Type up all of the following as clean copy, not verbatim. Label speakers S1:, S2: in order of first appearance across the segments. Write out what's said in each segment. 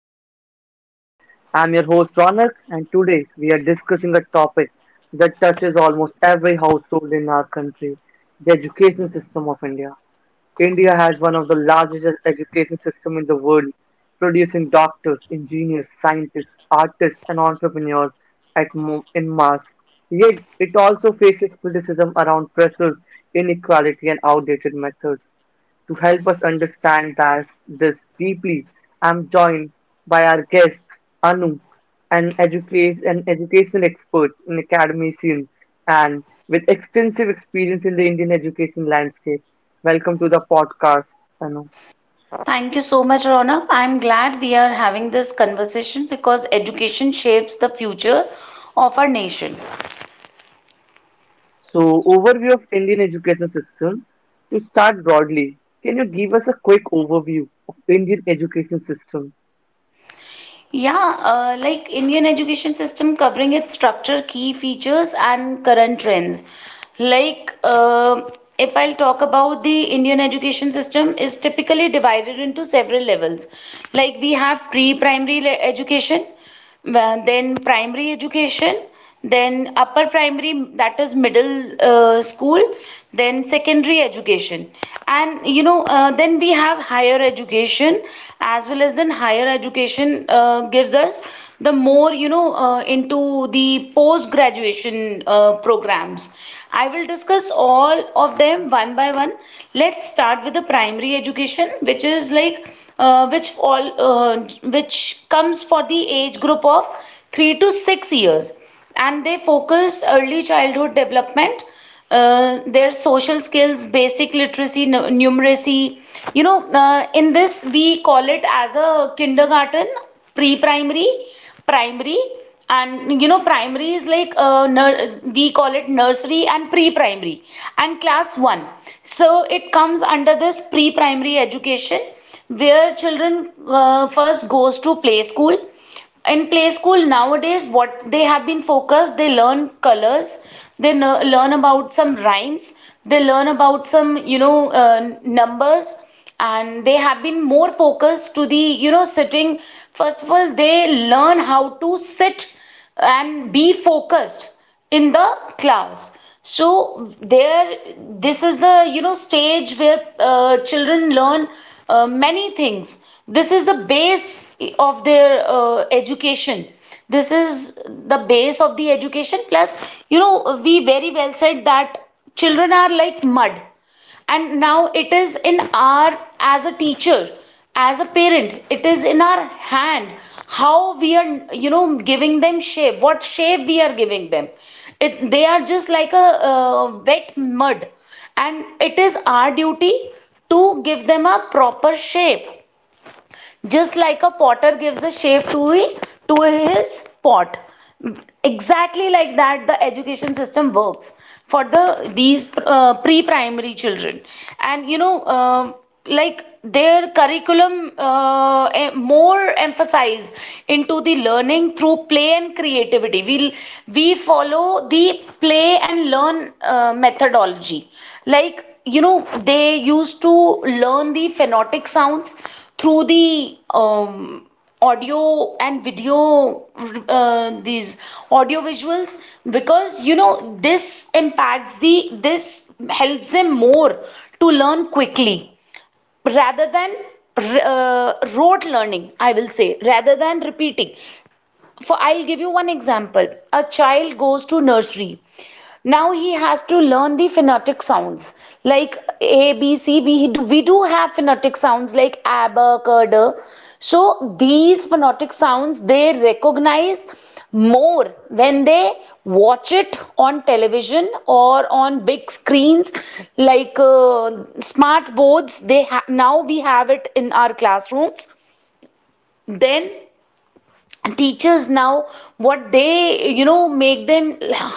S1: Ronak Podcast. I'm your host, Ronak, and today we are discussing a topic that touches almost every household in our country, the education system of India. India has one of the largest education systems in the world, producing doctors, engineers, scientists, artists, and entrepreneurs in mass. Yet, it also faces criticism around pressures, inequality, and outdated methods. To help us understand that this deeply, I'm joined by our guest Anu, an educate an education expert, an academician, and with extensive experience in the Indian education landscape. Welcome to the podcast, Anu.
S2: Thank you so much, Ronak. I'm glad we are having this conversation because education shapes the future of our nation.
S1: So, overview of Indian education system. To start broadly, can you give us a quick overview of Indian education system?
S2: Yeah, like Indian education system covering its structure, key features, and current trends. Like, uh, if I'll talk about the Indian education system, is typically divided into several levels. Like we have education, then primary education, then upper primary, that is middle school, then secondary education. And you know, then we have higher education as well as then higher education gives us the more you know into the post graduation programs. I will discuss all of them one by one. Let's start with the primary education, which is which comes for the age group of 3 to 6 years, and they focus early childhood development, their social skills, basic literacy, numeracy. you know in this we call it as a kindergarten, pre primary, primary. And you know, primary is we call it nursery and pre-primary and class 1. So it comes under this pre-primary education, where children first goes to play school. In play school, nowadays, what they have been focused, they learn colors, they learn about some rhymes, they learn about some numbers. And they have been more focused to the, you know, sitting. First of all, they learn how to sit and be focused in the class. So there, this is the, you know, stage where children learn many things. This is the base of their education. This is the base of the education. Plus, you know, we very well said that children are like mud, and now it is in our, as a teacher, as a parent, it is in our hand how we are, you know, giving them shape, what shape we are giving them. It's they are just like a uh, wet mud, and it is our duty to give them a proper shape, just like a potter gives a shape to his pot. Exactly like that, the education system works for the these pre-primary children. And you know, like their curriculum, more emphasize into the learning through play and creativity. We follow the play and learn methodology. Like, you know, they used to learn the phonetic sounds through the audio and video, these audio visuals, because, you know, this impacts the, this helps them more to learn quickly rather than rote learning, I will say, rather than repeating. For, I'll give you one example. A child goes to nursery. Now he has to learn the phonetic sounds like A B C. We do have phonetic sounds like abacadabra. So these phonetic sounds they recognize more when they watch it on television or on big screens, like smart boards. Now we have it in our classrooms. Then teachers now, what they, you know, make them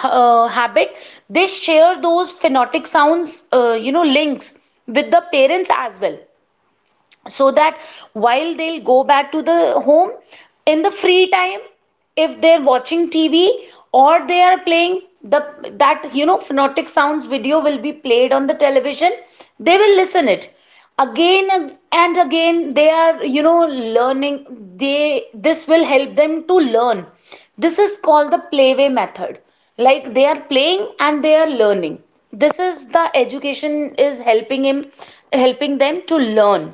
S2: habit, they share those phonetic sounds, you know, links with the parents as well, so that while they'll go back to the home, in the free time, if they're watching TV, or they are playing, the, that, you know, phonetic sounds video will be played on the television. They will listen it again, and again they are, you know, learning. They, this will help them to learn. This is called the playway method. Like, they are playing and they are learning. This is the education is helping him, helping them to learn.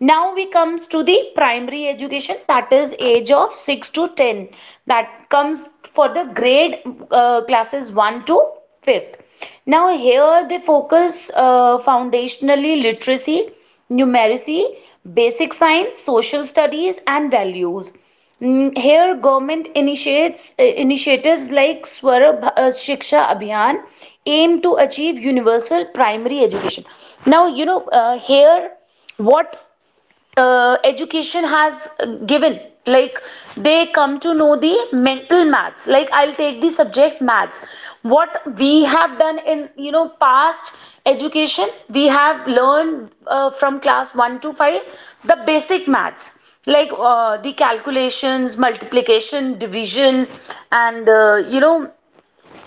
S2: Now we comes to the primary education, that is age of 6 to 10. That comes for the grade, classes 1 to 5th. Now here they focus foundationally literacy, numeracy, basic science, social studies and values. Mm, here government initiates, initiatives like Swara Shiksha Abhiyan aim to achieve universal primary education. Now, you know, here what education has given, like they come to know the mental maths. Like, I'll take the subject maths. What we have done in, you know, past education, we have learned from class 1 to 5 the basic maths, like the calculations, multiplication, division. And you know,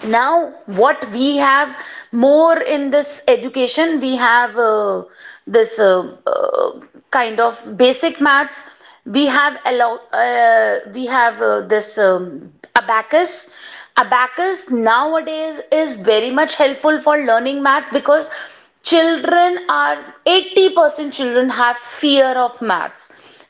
S2: now what we have more in this education, we have this uh, kind of basic maths. We have this abacus. Abacus nowadays is very much helpful for learning maths, because children are, 80% children have fear of maths.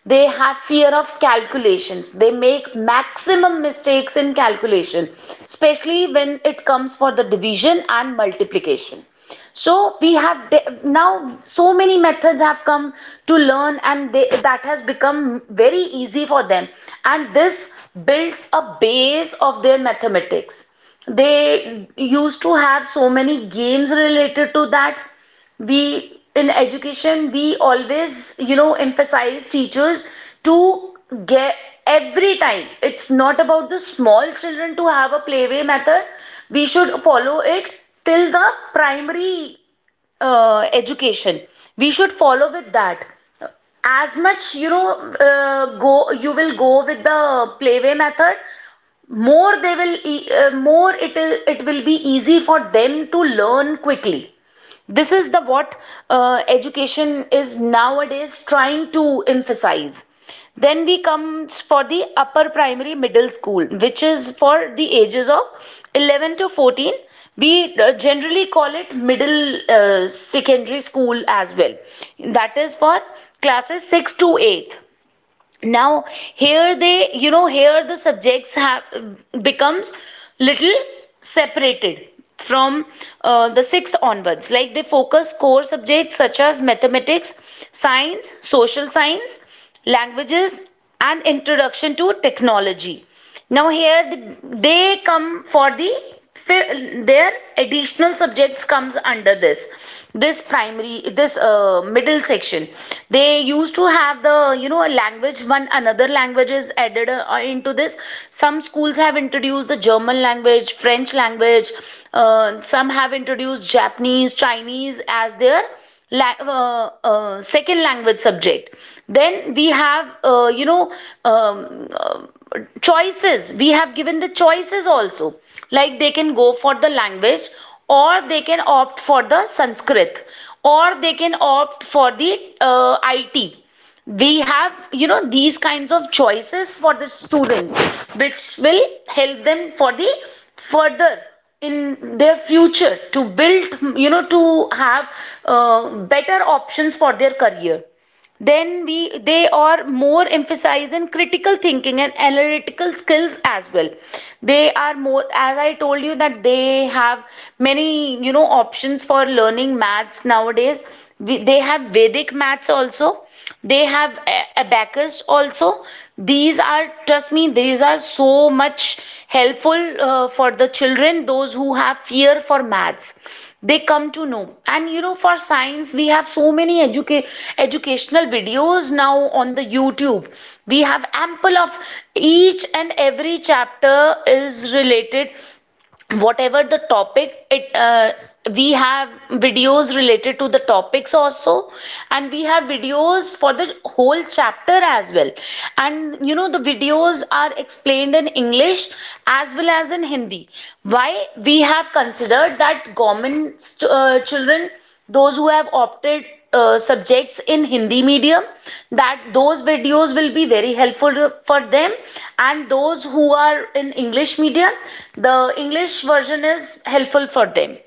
S2: They have fear of calculations. They make maximum mistakes in calculation, especially when it comes for the division and multiplication. So we have now, so many methods have come to learn, and they, that has become very easy for them. And this builds a base of their mathematics. They used to have so many games related to that. We in education, we always, you know, emphasize teachers to get every time, it's not about the small children to have a playway method, we should follow it till the primary education. We should follow with that. As much, you know, go you will go with the playway method, more they will more it will be easy for them to learn quickly. This is the what education is nowadays trying to emphasize. Then we comes for the upper primary middle school, which is for the ages of 11 to 14. We generally call it middle secondary school as well. That is for classes 6 to 8. Now here they, you know, here the subjects have becomes little separated from the sixth onwards. Like they focus core subjects such as mathematics, science, social science, languages, and introduction to technology. Now here the, they come for the, their additional subjects comes under this, this primary, this middle section. They used to have the, you know, a language, one another language is added into this. Some schools have introduced the German language, French language. Some have introduced Japanese, Chinese as their second language subject. Then we have, um, uh, choices. We have given the choices also, like they can go for the language, or they can opt for the Sanskrit, or they can opt for the IT. We have, you know, these kinds of choices for the students, which will help them for the further in their future to build, you know, to have uh, better options for their career. Then we, they are more emphasize in critical thinking and analytical skills as well. They are more, as I told you, that they have many, you know, options for learning maths nowadays. They have Vedic maths also. They have abacus also. These are, trust me, these are so much helpful for the children, those who have fear for maths. They come to know. And you know, for science, we have so many educational videos now on the YouTube. We have ample of, each and every chapter is related, whatever the topic it we have videos related to the topics also, and we have videos for the whole chapter as well. And you know, the videos are explained in English as well as in Hindi. Why? We have considered that government children, those who have opted subjects in Hindi medium, that those videos will be very helpful for them. And those who are in English medium, the English version is helpful for them.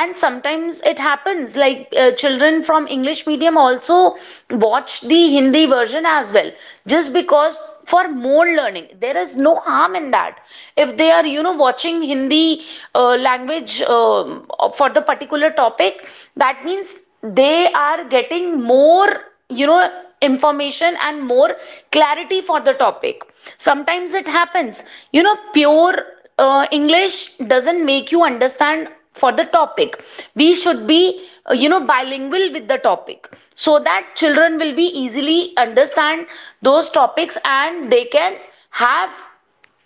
S2: And sometimes it happens, like children from English medium also watch the Hindi version as well, just because for more learning, there is no harm in that. If they are, you know, watching Hindi language, for the particular topic, that means they are getting more, you know, information and more clarity for the topic. Sometimes it happens, you know, pure English doesn't make you understand for the topic. We should be, bilingual with the topic so that children will be easily understand those topics and they can have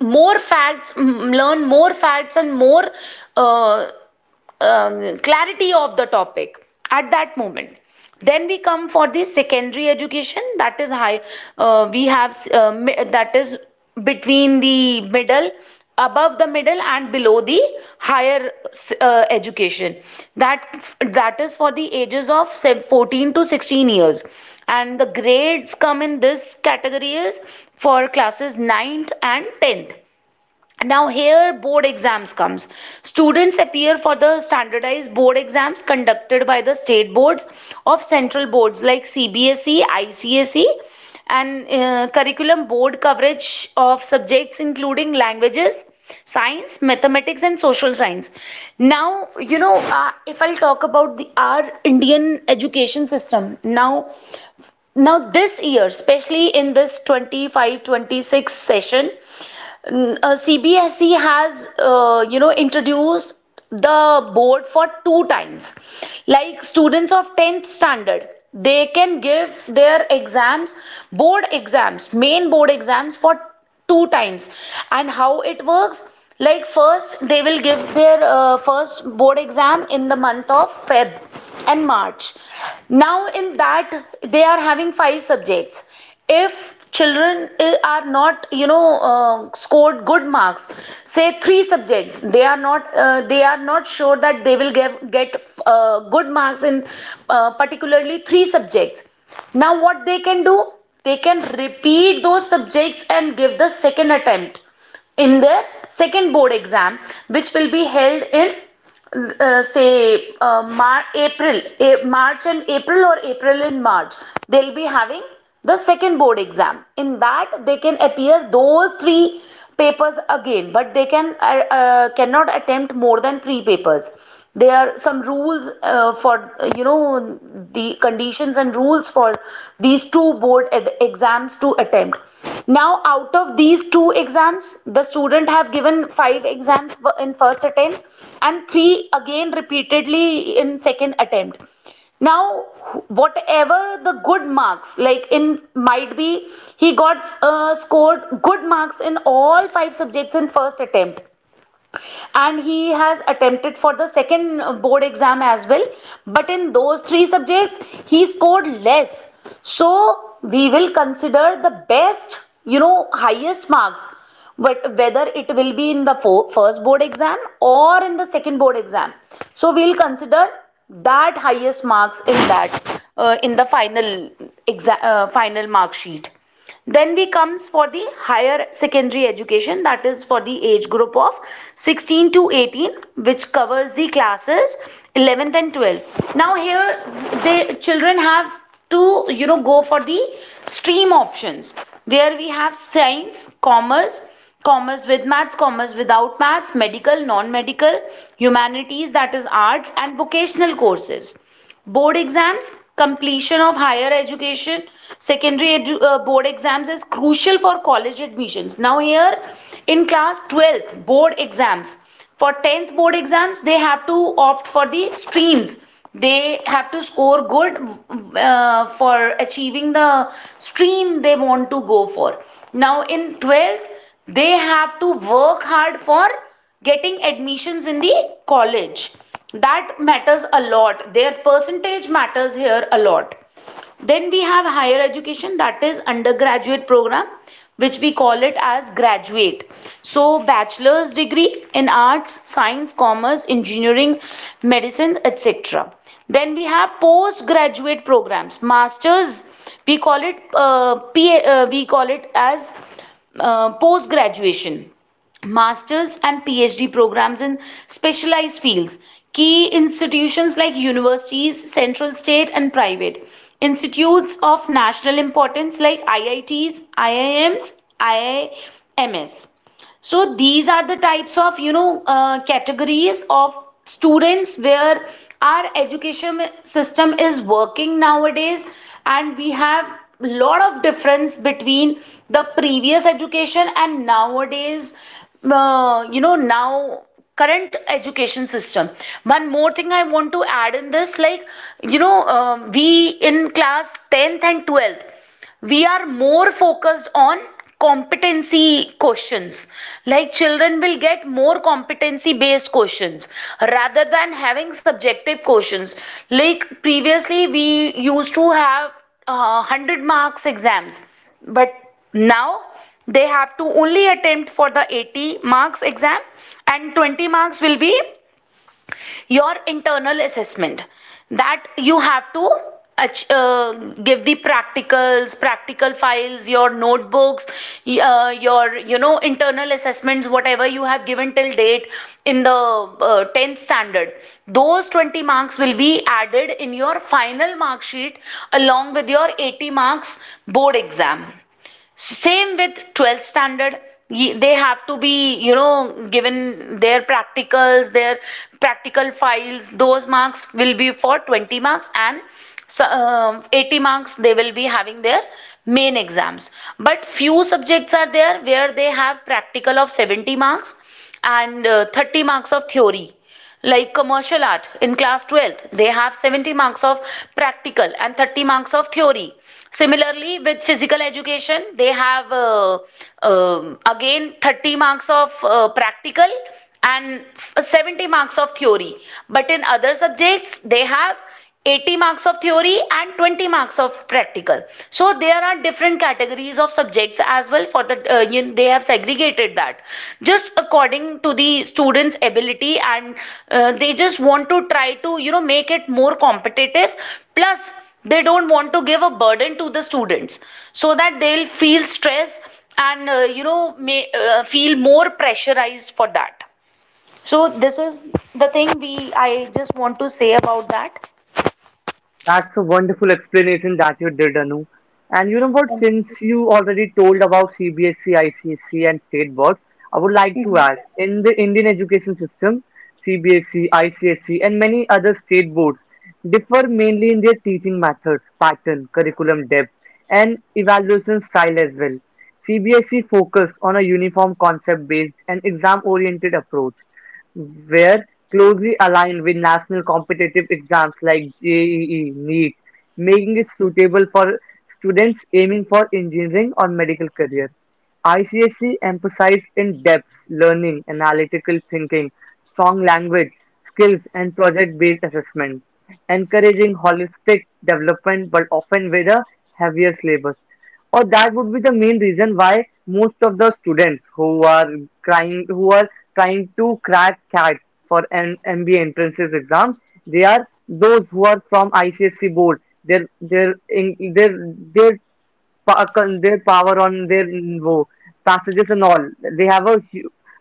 S2: more facts, learn more facts and more uh, clarity of the topic at that moment. Then we come for the secondary education, that is high, we have, that is between the middle, above the middle and below the higher education. That is for the ages of 14 to 16 years, and the grades come in this category is for classes ninth and 10th. Now here board exams comes. Students appear for the standardized board exams conducted by the state boards of central boards like CBSE, ICSE, and curriculum board coverage of subjects including languages, science, mathematics, and social science. Now, if I'll talk about the our Indian education system Now this year, especially in this 25-26 session, CBSE has, introduced the board for two times, like students of 10th standard they can give their exams. Board exams, main board exams for two times. And how it works: like first they will give their first board exam in the month of Feb and March. Now in that, they are having five subjects. If children, are not uh, scored good marks, say three subjects they are not sure that they will get good marks in particularly three subjects. Now what they can do: they can repeat those subjects and give the second attempt in their second board exam, which will be held in, say, March and April, or April and March. They'll be having the second board exam. In that they can appear those three papers again, but they can, cannot attempt more than three papers. There are some rules for, the conditions and rules for these two board exams to attempt. Now, out of these two exams, the student have given five exams in first attempt and three again repeatedly in second attempt. Now, whatever the good marks, like in, might be he got scored good marks in all five subjects in first attempt, and he has attempted for the second board exam as well, but in those three subjects he scored less. So we will consider the best, highest marks, but whether it will be in the first board exam or in the second board exam. So we'll consider that highest marks in that, in the final exam, final mark sheet. Then we comes for the higher secondary education, that is for the age group of 16 to 18, which covers the classes 11th and 12th. Now here the children have to go for the stream options, where we have science, commerce, commerce with maths, commerce without maths, medical, non-medical, humanities that is arts, and vocational courses. Board exams, completion of higher education, board exams is crucial for college admissions. Now, here in class 12th, board exams. For 10th board exams, they have to opt for the streams. They have to score good for achieving the stream they want to go for. Now, in 12th, they have to work hard for getting admissions in the college. That matters a lot. Their percentage matters here a lot. Then we have higher education, that is undergraduate program, which we call it as graduate. So bachelor's degree in arts, science, commerce, engineering, medicine, etc. Then we have postgraduate programs, masters. We call it as, post graduation, master's and PhD programs in specialized fields. Key institutions like universities, central, state, and private. Institutes of national importance like IITs, IIMs. So these are the types of, categories of students where our education system is working nowadays. And we have lot of difference between the previous education and nowadays, now, current education system. One more thing I want to add in this: like, we in class 10th and 12th we are more focused on competency questions. Like, children will get more competency based questions rather than having subjective questions. Like, previously we used to have 100 marks exams, but now they have to only attempt for the 80 marks exam, and 20 marks will be your internal assessment, that you have to uh, give the practical files, your notebooks, your, internal assessments, whatever you have given till date in the 10th standard. Those 20 marks will be added in your final mark sheet along with your 80 marks board exam. Same with 12th standard. They have to be, given their practicals, their practical files. Those marks will be for 20 marks, and so, 80 marks they will be having their main exams. But few subjects are there where they have practical of 70 marks and 30 marks of theory. Like commercial art in class 12th, they have 70 marks of practical and 30 marks of theory. Similarly with physical education, they have, again 30 marks of practical and 70 marks of theory. But in other subjects they have 80 marks of theory and 20 marks of practical. So there are different categories of subjects as well, for the, they have segregated that just according to the students ability, and they just want to try to make it more competitive. Plus, they don't want to give a burden to the students, so that they'll feel stress and, may feel more pressurized for that. So this is the thing we I just want to say about that.
S1: That's a wonderful explanation that you did, Anu. And you know what? Since you already told about CBSC, ICSC, and state boards, I would like to add, in the Indian education system, CBSC, ICSC, and many other state boards differ mainly in their teaching methods, pattern, curriculum depth, and evaluation style as well. CBSE focus on a uniform concept based and exam oriented approach, were closely aligned with national competitive exams like JEE, NEET, making it suitable for students aiming for engineering or medical career. ICSE emphasized in-depth learning, analytical thinking, strong language skills, and project-based assessment, encouraging holistic development but often with a heavier syllabus, or that would be the main reason why most of the students who are trying who are trying to crack CAT for an MBA entrances exams. They are those who are from ICSC board, their their power on their passages and all. They have a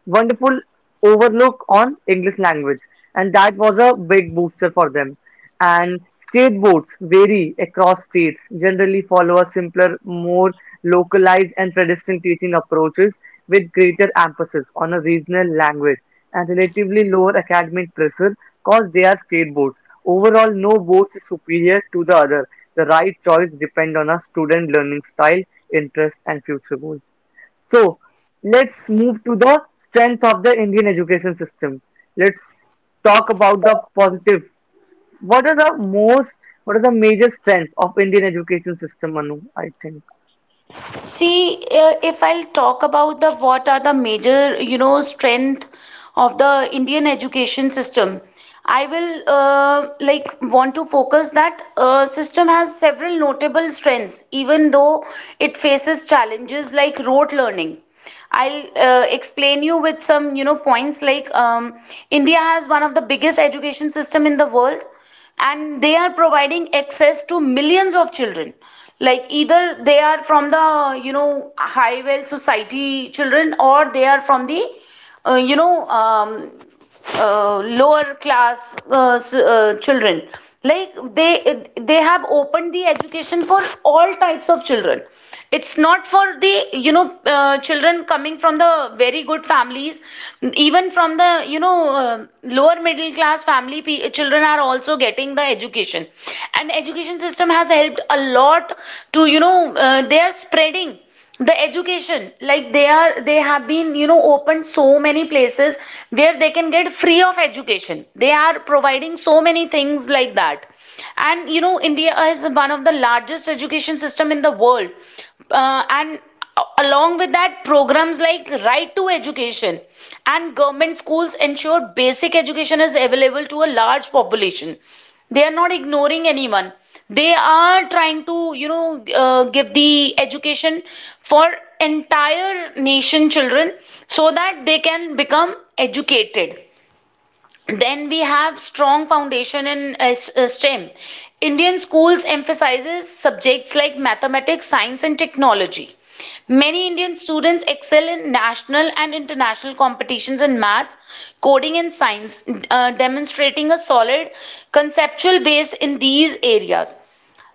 S1: wonderful overlook on English language, and that was a big booster for them. And skateboards vary across states, generally follow a simpler, more localized and pedestrian teaching approaches with greater emphasis on a regional language and relatively lower academic pressure because they are skateboards. Overall, no board is superior to the other. The right choice depends on a student learning style, interest and future goals. So let's move to the strength of the Indian education system. Let's talk about the positive. What are the most, what are the major strengths of Indian education system, Anu? I think.
S2: See, if I'll talk about the what are the major, strength of the Indian education system, I will, like, want to focus that system has several notable strengths, even though it faces challenges like rote learning. I'll, explain you with some, points like, India has one of the biggest education system in the world, and they are providing access to millions of children, like either they are from the high well society children, or they are from the, uh, you know um, lower class children. Like, they have opened the education for all types of children. It's not for the, children coming from the very good families, even from the, uh, lower middle class family children are also getting the education. And education system has helped a lot to, they are spreading the education, like they have been, opened so many places where they can get free of education, they are providing so many things like that. And India is one of the largest education system in the world. And along with that, programs like right to education and government schools ensure basic education is available to a large population. They are not ignoring anyone. They are trying to, give the education for entire nation children, so that they can become educated. Then we have strong foundation in STEM. Indian schools emphasizes subjects like mathematics, science, and technology. Many Indian students excel in national and international competitions in maths, coding, and science, demonstrating a solid conceptual base in these areas.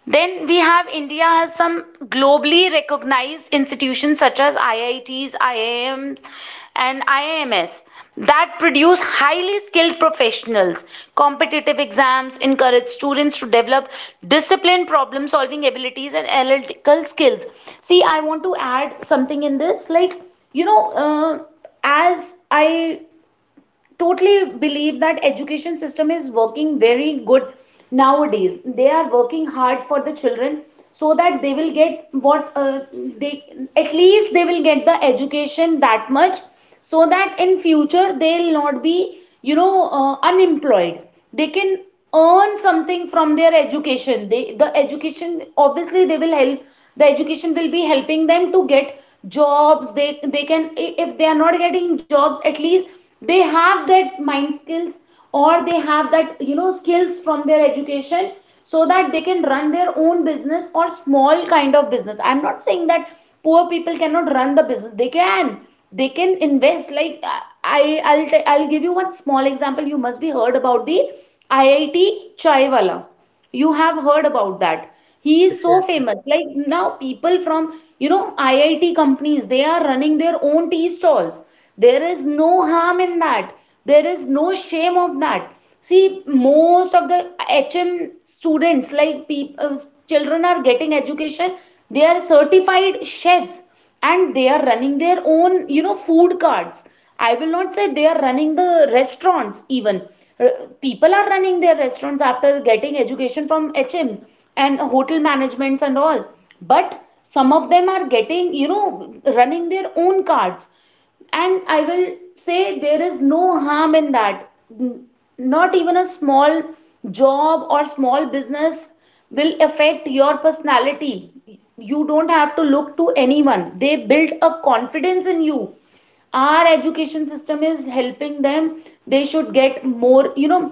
S2: Then we have India has some globally recognized institutions such as IITs, IIMs, and IIMs that produce highly skilled professionals. Competitive exams encourage students to develop disciplined problem solving abilities, and analytical skills. See, I want to add something in this. Like, you know, uh, as I totally believe that education system is working very good nowadays. They are working hard for the children so that they will get what, they at least they will get the education, that much, so that in future they'll not be, unemployed. They can earn something from their education. They the education obviously they will help the education will be helping them to get jobs. They can, if they are not getting jobs, at least they have that mind skills, or they have that, skills from their education, so that they can run their own business or small kind of business. I'm not saying that poor people cannot run the business. They can, invest. Like, I- will I I'll give you one small example. You must be heard about the IIT chaiwala. You have heard about that. He
S1: Yes,
S2: is so
S1: yes.
S2: famous, like now people from, IIT companies, they are running their own tea stalls. There is no harm in that. There is no shame of that. See, most of the, hm students, like people, children are getting education. They are certified chefs, and they are running their own, food carts. I will not say they are running the restaurants even. R- People are running their restaurants after getting education from HMS and hotel managements and all. But some of them are getting, running their own cards. And I will say there is no harm in that. Not even a small job or small business will affect your personality. You don't have to look to anyone. They build a confidence in you. Our education system is helping them. They should get more. you know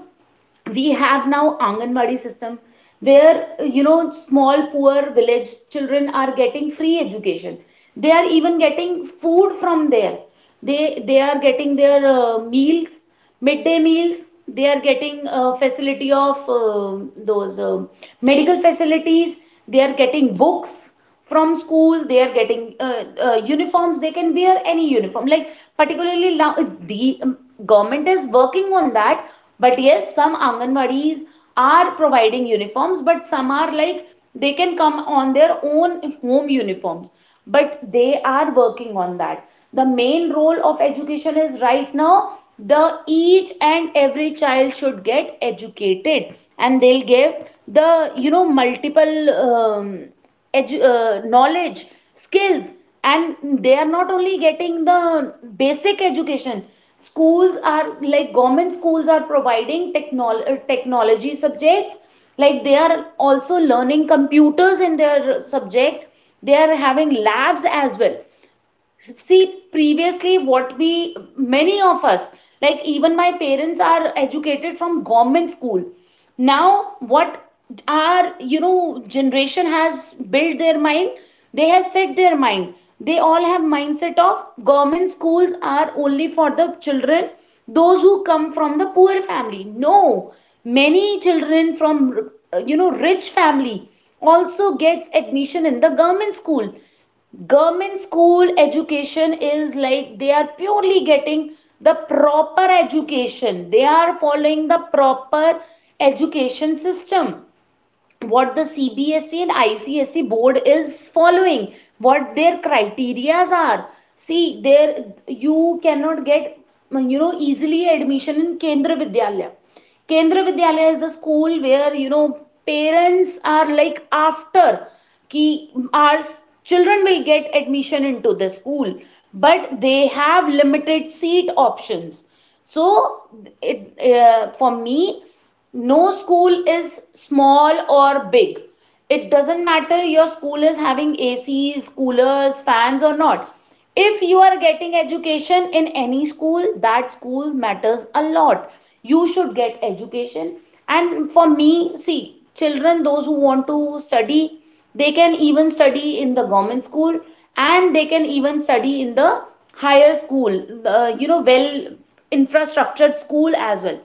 S2: we have now Anganwadi system, where, small poor village children are getting free education. They are even getting food from there. They are getting their midday meals. They are getting facility of those medical facilities. They are getting books from school. They are getting, uniforms. They can wear any uniform. Like particularly now, the government is working on that. But yes, some Anganwadis are providing uniforms, but some are like they can come on their own home uniforms. But they are working on that. The main role of education is right now the each and every child should get educated, and they'll give the multiple knowledge, skills, and they are not only getting the basic education. Schools are like government schools are providing technology subjects, like they are also learning computers in their subject. They are having labs as well. See, previously, what we, many of us, like even my parents are educated from government school. Now, what our, generation has built their mind, they have set their mind. They all have mindset of government schools are only for the children, those who come from the poor family. No, many children from, rich family also gets admission in the government school. Government school education is like they are purely getting the proper education. They are following the proper education system, what the CBSE and ICSE board is following, what their criterias are. See, there you cannot get easily admission in Kendra Vidyalaya. Kendra Vidyalaya is the school where you know parents are like after ki our children will get admission into the school, but they have limited seat options. So it for me, no school is small or big. It doesn't matter your school is having acs, coolers, fans or not. If you are getting education in any school, that school matters a lot. You should get education. And for me, see, children those who want to study, they can even study in the government school, and they can even study in the higher school, well infrastructured school as well.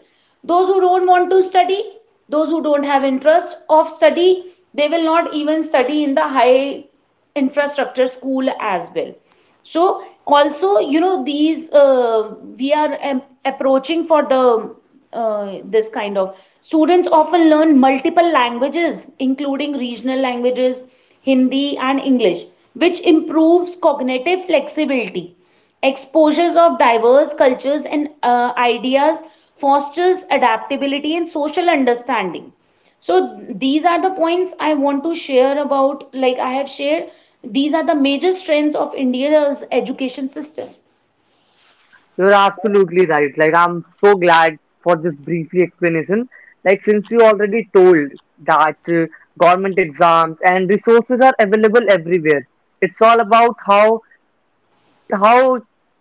S2: Those who don't want to study, those who don't have interest of study, they will not even study in the high infrastructure school as well. So also, these we are approaching for the this kind of students often learn multiple languages, including regional languages, Hindi and English, which improves cognitive flexibility. Exposures of diverse cultures and ideas fosters adaptability and social understanding. So these are the points I want to share about, like I have shared, these are the major strengths of India's education system.
S1: You're absolutely right. Like, I'm so glad for this briefly explanation. Like, since you already told that government exams and resources are available everywhere, it's all about how how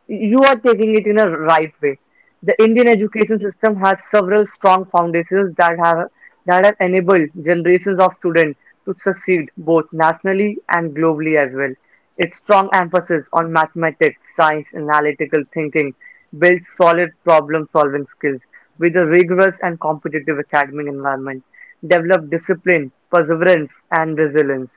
S1: you are taking it in a right way. The Indian education system has several strong foundations that have enabled generations of students to succeed both nationally and globally as well. Its strong emphasis on mathematics, science, and analytical thinking builds solid problem-solving skills with a rigorous and competitive academic environment, develop discipline, perseverance, and resilience.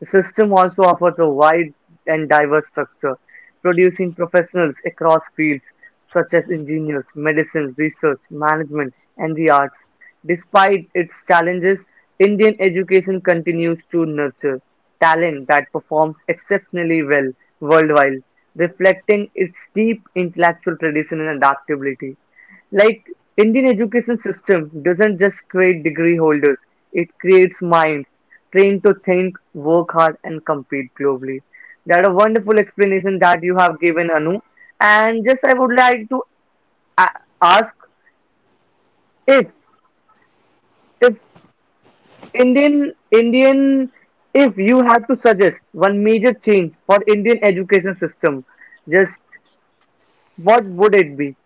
S1: The system also offers a wide and diverse structure, producing professionals across fields such as engineers, medicine, research, management, and the arts. Despite its challenges, Indian education continues to nurture talent that performs exceptionally well worldwide, reflecting its deep intellectual tradition and adaptability. Like, Indian education system doesn't just create degree holders, it creates minds trained to think, work hard, and compete globally. That a wonderful explanation that you have given, Anu. And just I would like to ask if if Indian Indian if you have to suggest one major change for Indian education system, just what would it be?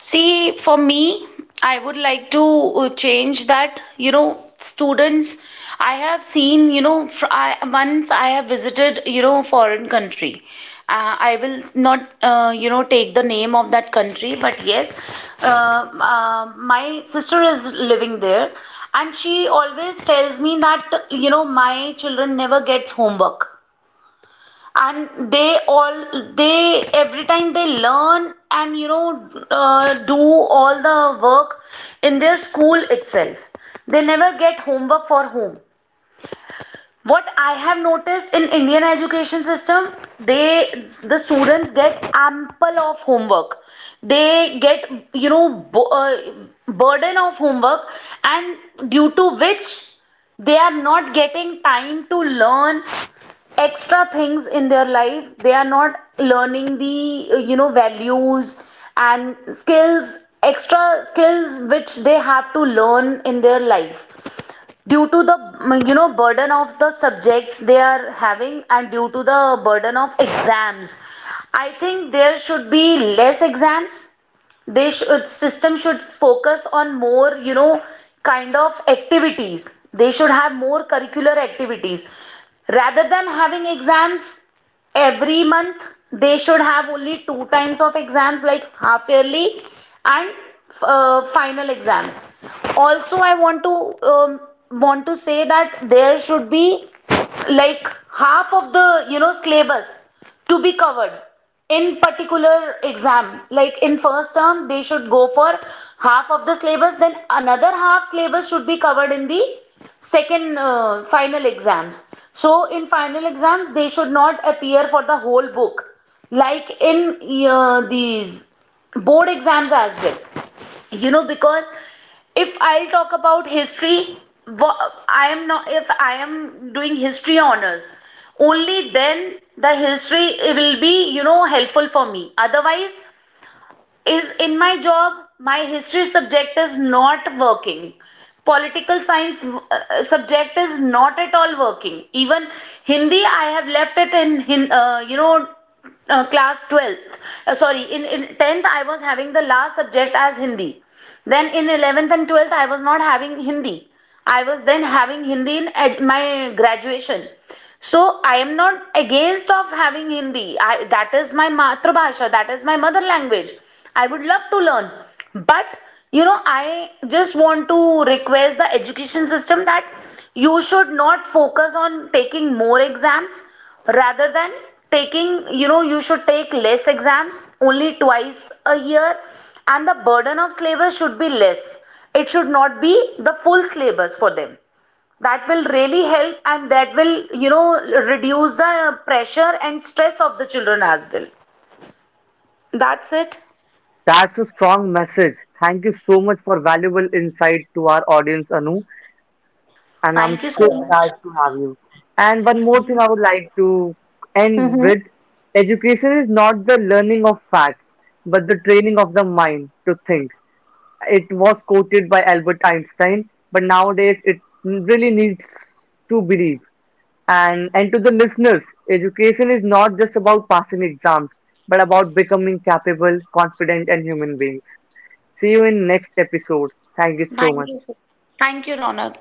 S2: See, for me, I would like to change that. You know, students, I have seen, you know, fr I, once I have visited, foreign country. I will not, take the name of that country, but yes, uh, my sister is living there, and she always tells me that, my children never gets homework, and they all, they every time they learn and do all the work in their school itself. They never get homework for home. What I have noticed in Indian education system, they, the students get ample of homework. They get you know bu- uh, burden of homework, and due to which they are not getting time to learn extra things in their life. They are not learning the values and skills, extra skills which they have to learn in their life, due to the burden of the subjects they are having, and due to the burden of exams. I think there should be less exams. They should, system should focus on more kind of activities. They should have more curricular activities rather than having exams every month. They should have only two times of exams, like half yearly and final exams. Also, I um, want to say that there should be like half of the syllabus to be covered in particular exam. Like in first term they should go for half of the syllabus, then another half syllabus should be covered in the second final exams. So in final exams they should not appear for the whole book, like in these board exams as well, you know. Because if I'll talk about history, I am not, if I am doing history honors, only then the history it will be, you know, helpful for me. Otherwise is in my job, my history subject is not working. Political science subject is not at all working. Even Hindi I have left it in, class 12th, sorry, in 10th I was having the last subject as Hindi. Then in 11th and 12th I was not having Hindi. I was then having Hindi in my graduation. So I am not against of having Hindi. I, that is my matrabhasha, that is my mother language. I would love to learn. But you know, I just want to request the education system that you should not focus on taking more exams rather than taking, you know, you should take less exams, only twice a year, and the burden of syllabus should be less. It should not be the full syllabus for them. That will really help, and that will, you know, reduce the pressure and stress of the children as well. That's it.
S1: That's a strong message. Thank you so much for valuable insight to our audience, Anu, and
S2: Thank
S1: I'm
S2: you so
S1: so
S2: much.
S1: glad to have you. And one more thing I would like to end with. Education is not the learning of facts, but the training of the mind to think. It was quoted by Albert Einstein, but nowadays it really needs to believe. And to the listeners, education is not just about passing exams, but about becoming capable, confident, and human beings. See you in next episode. Thank you so much.
S2: Thank you, Ronak.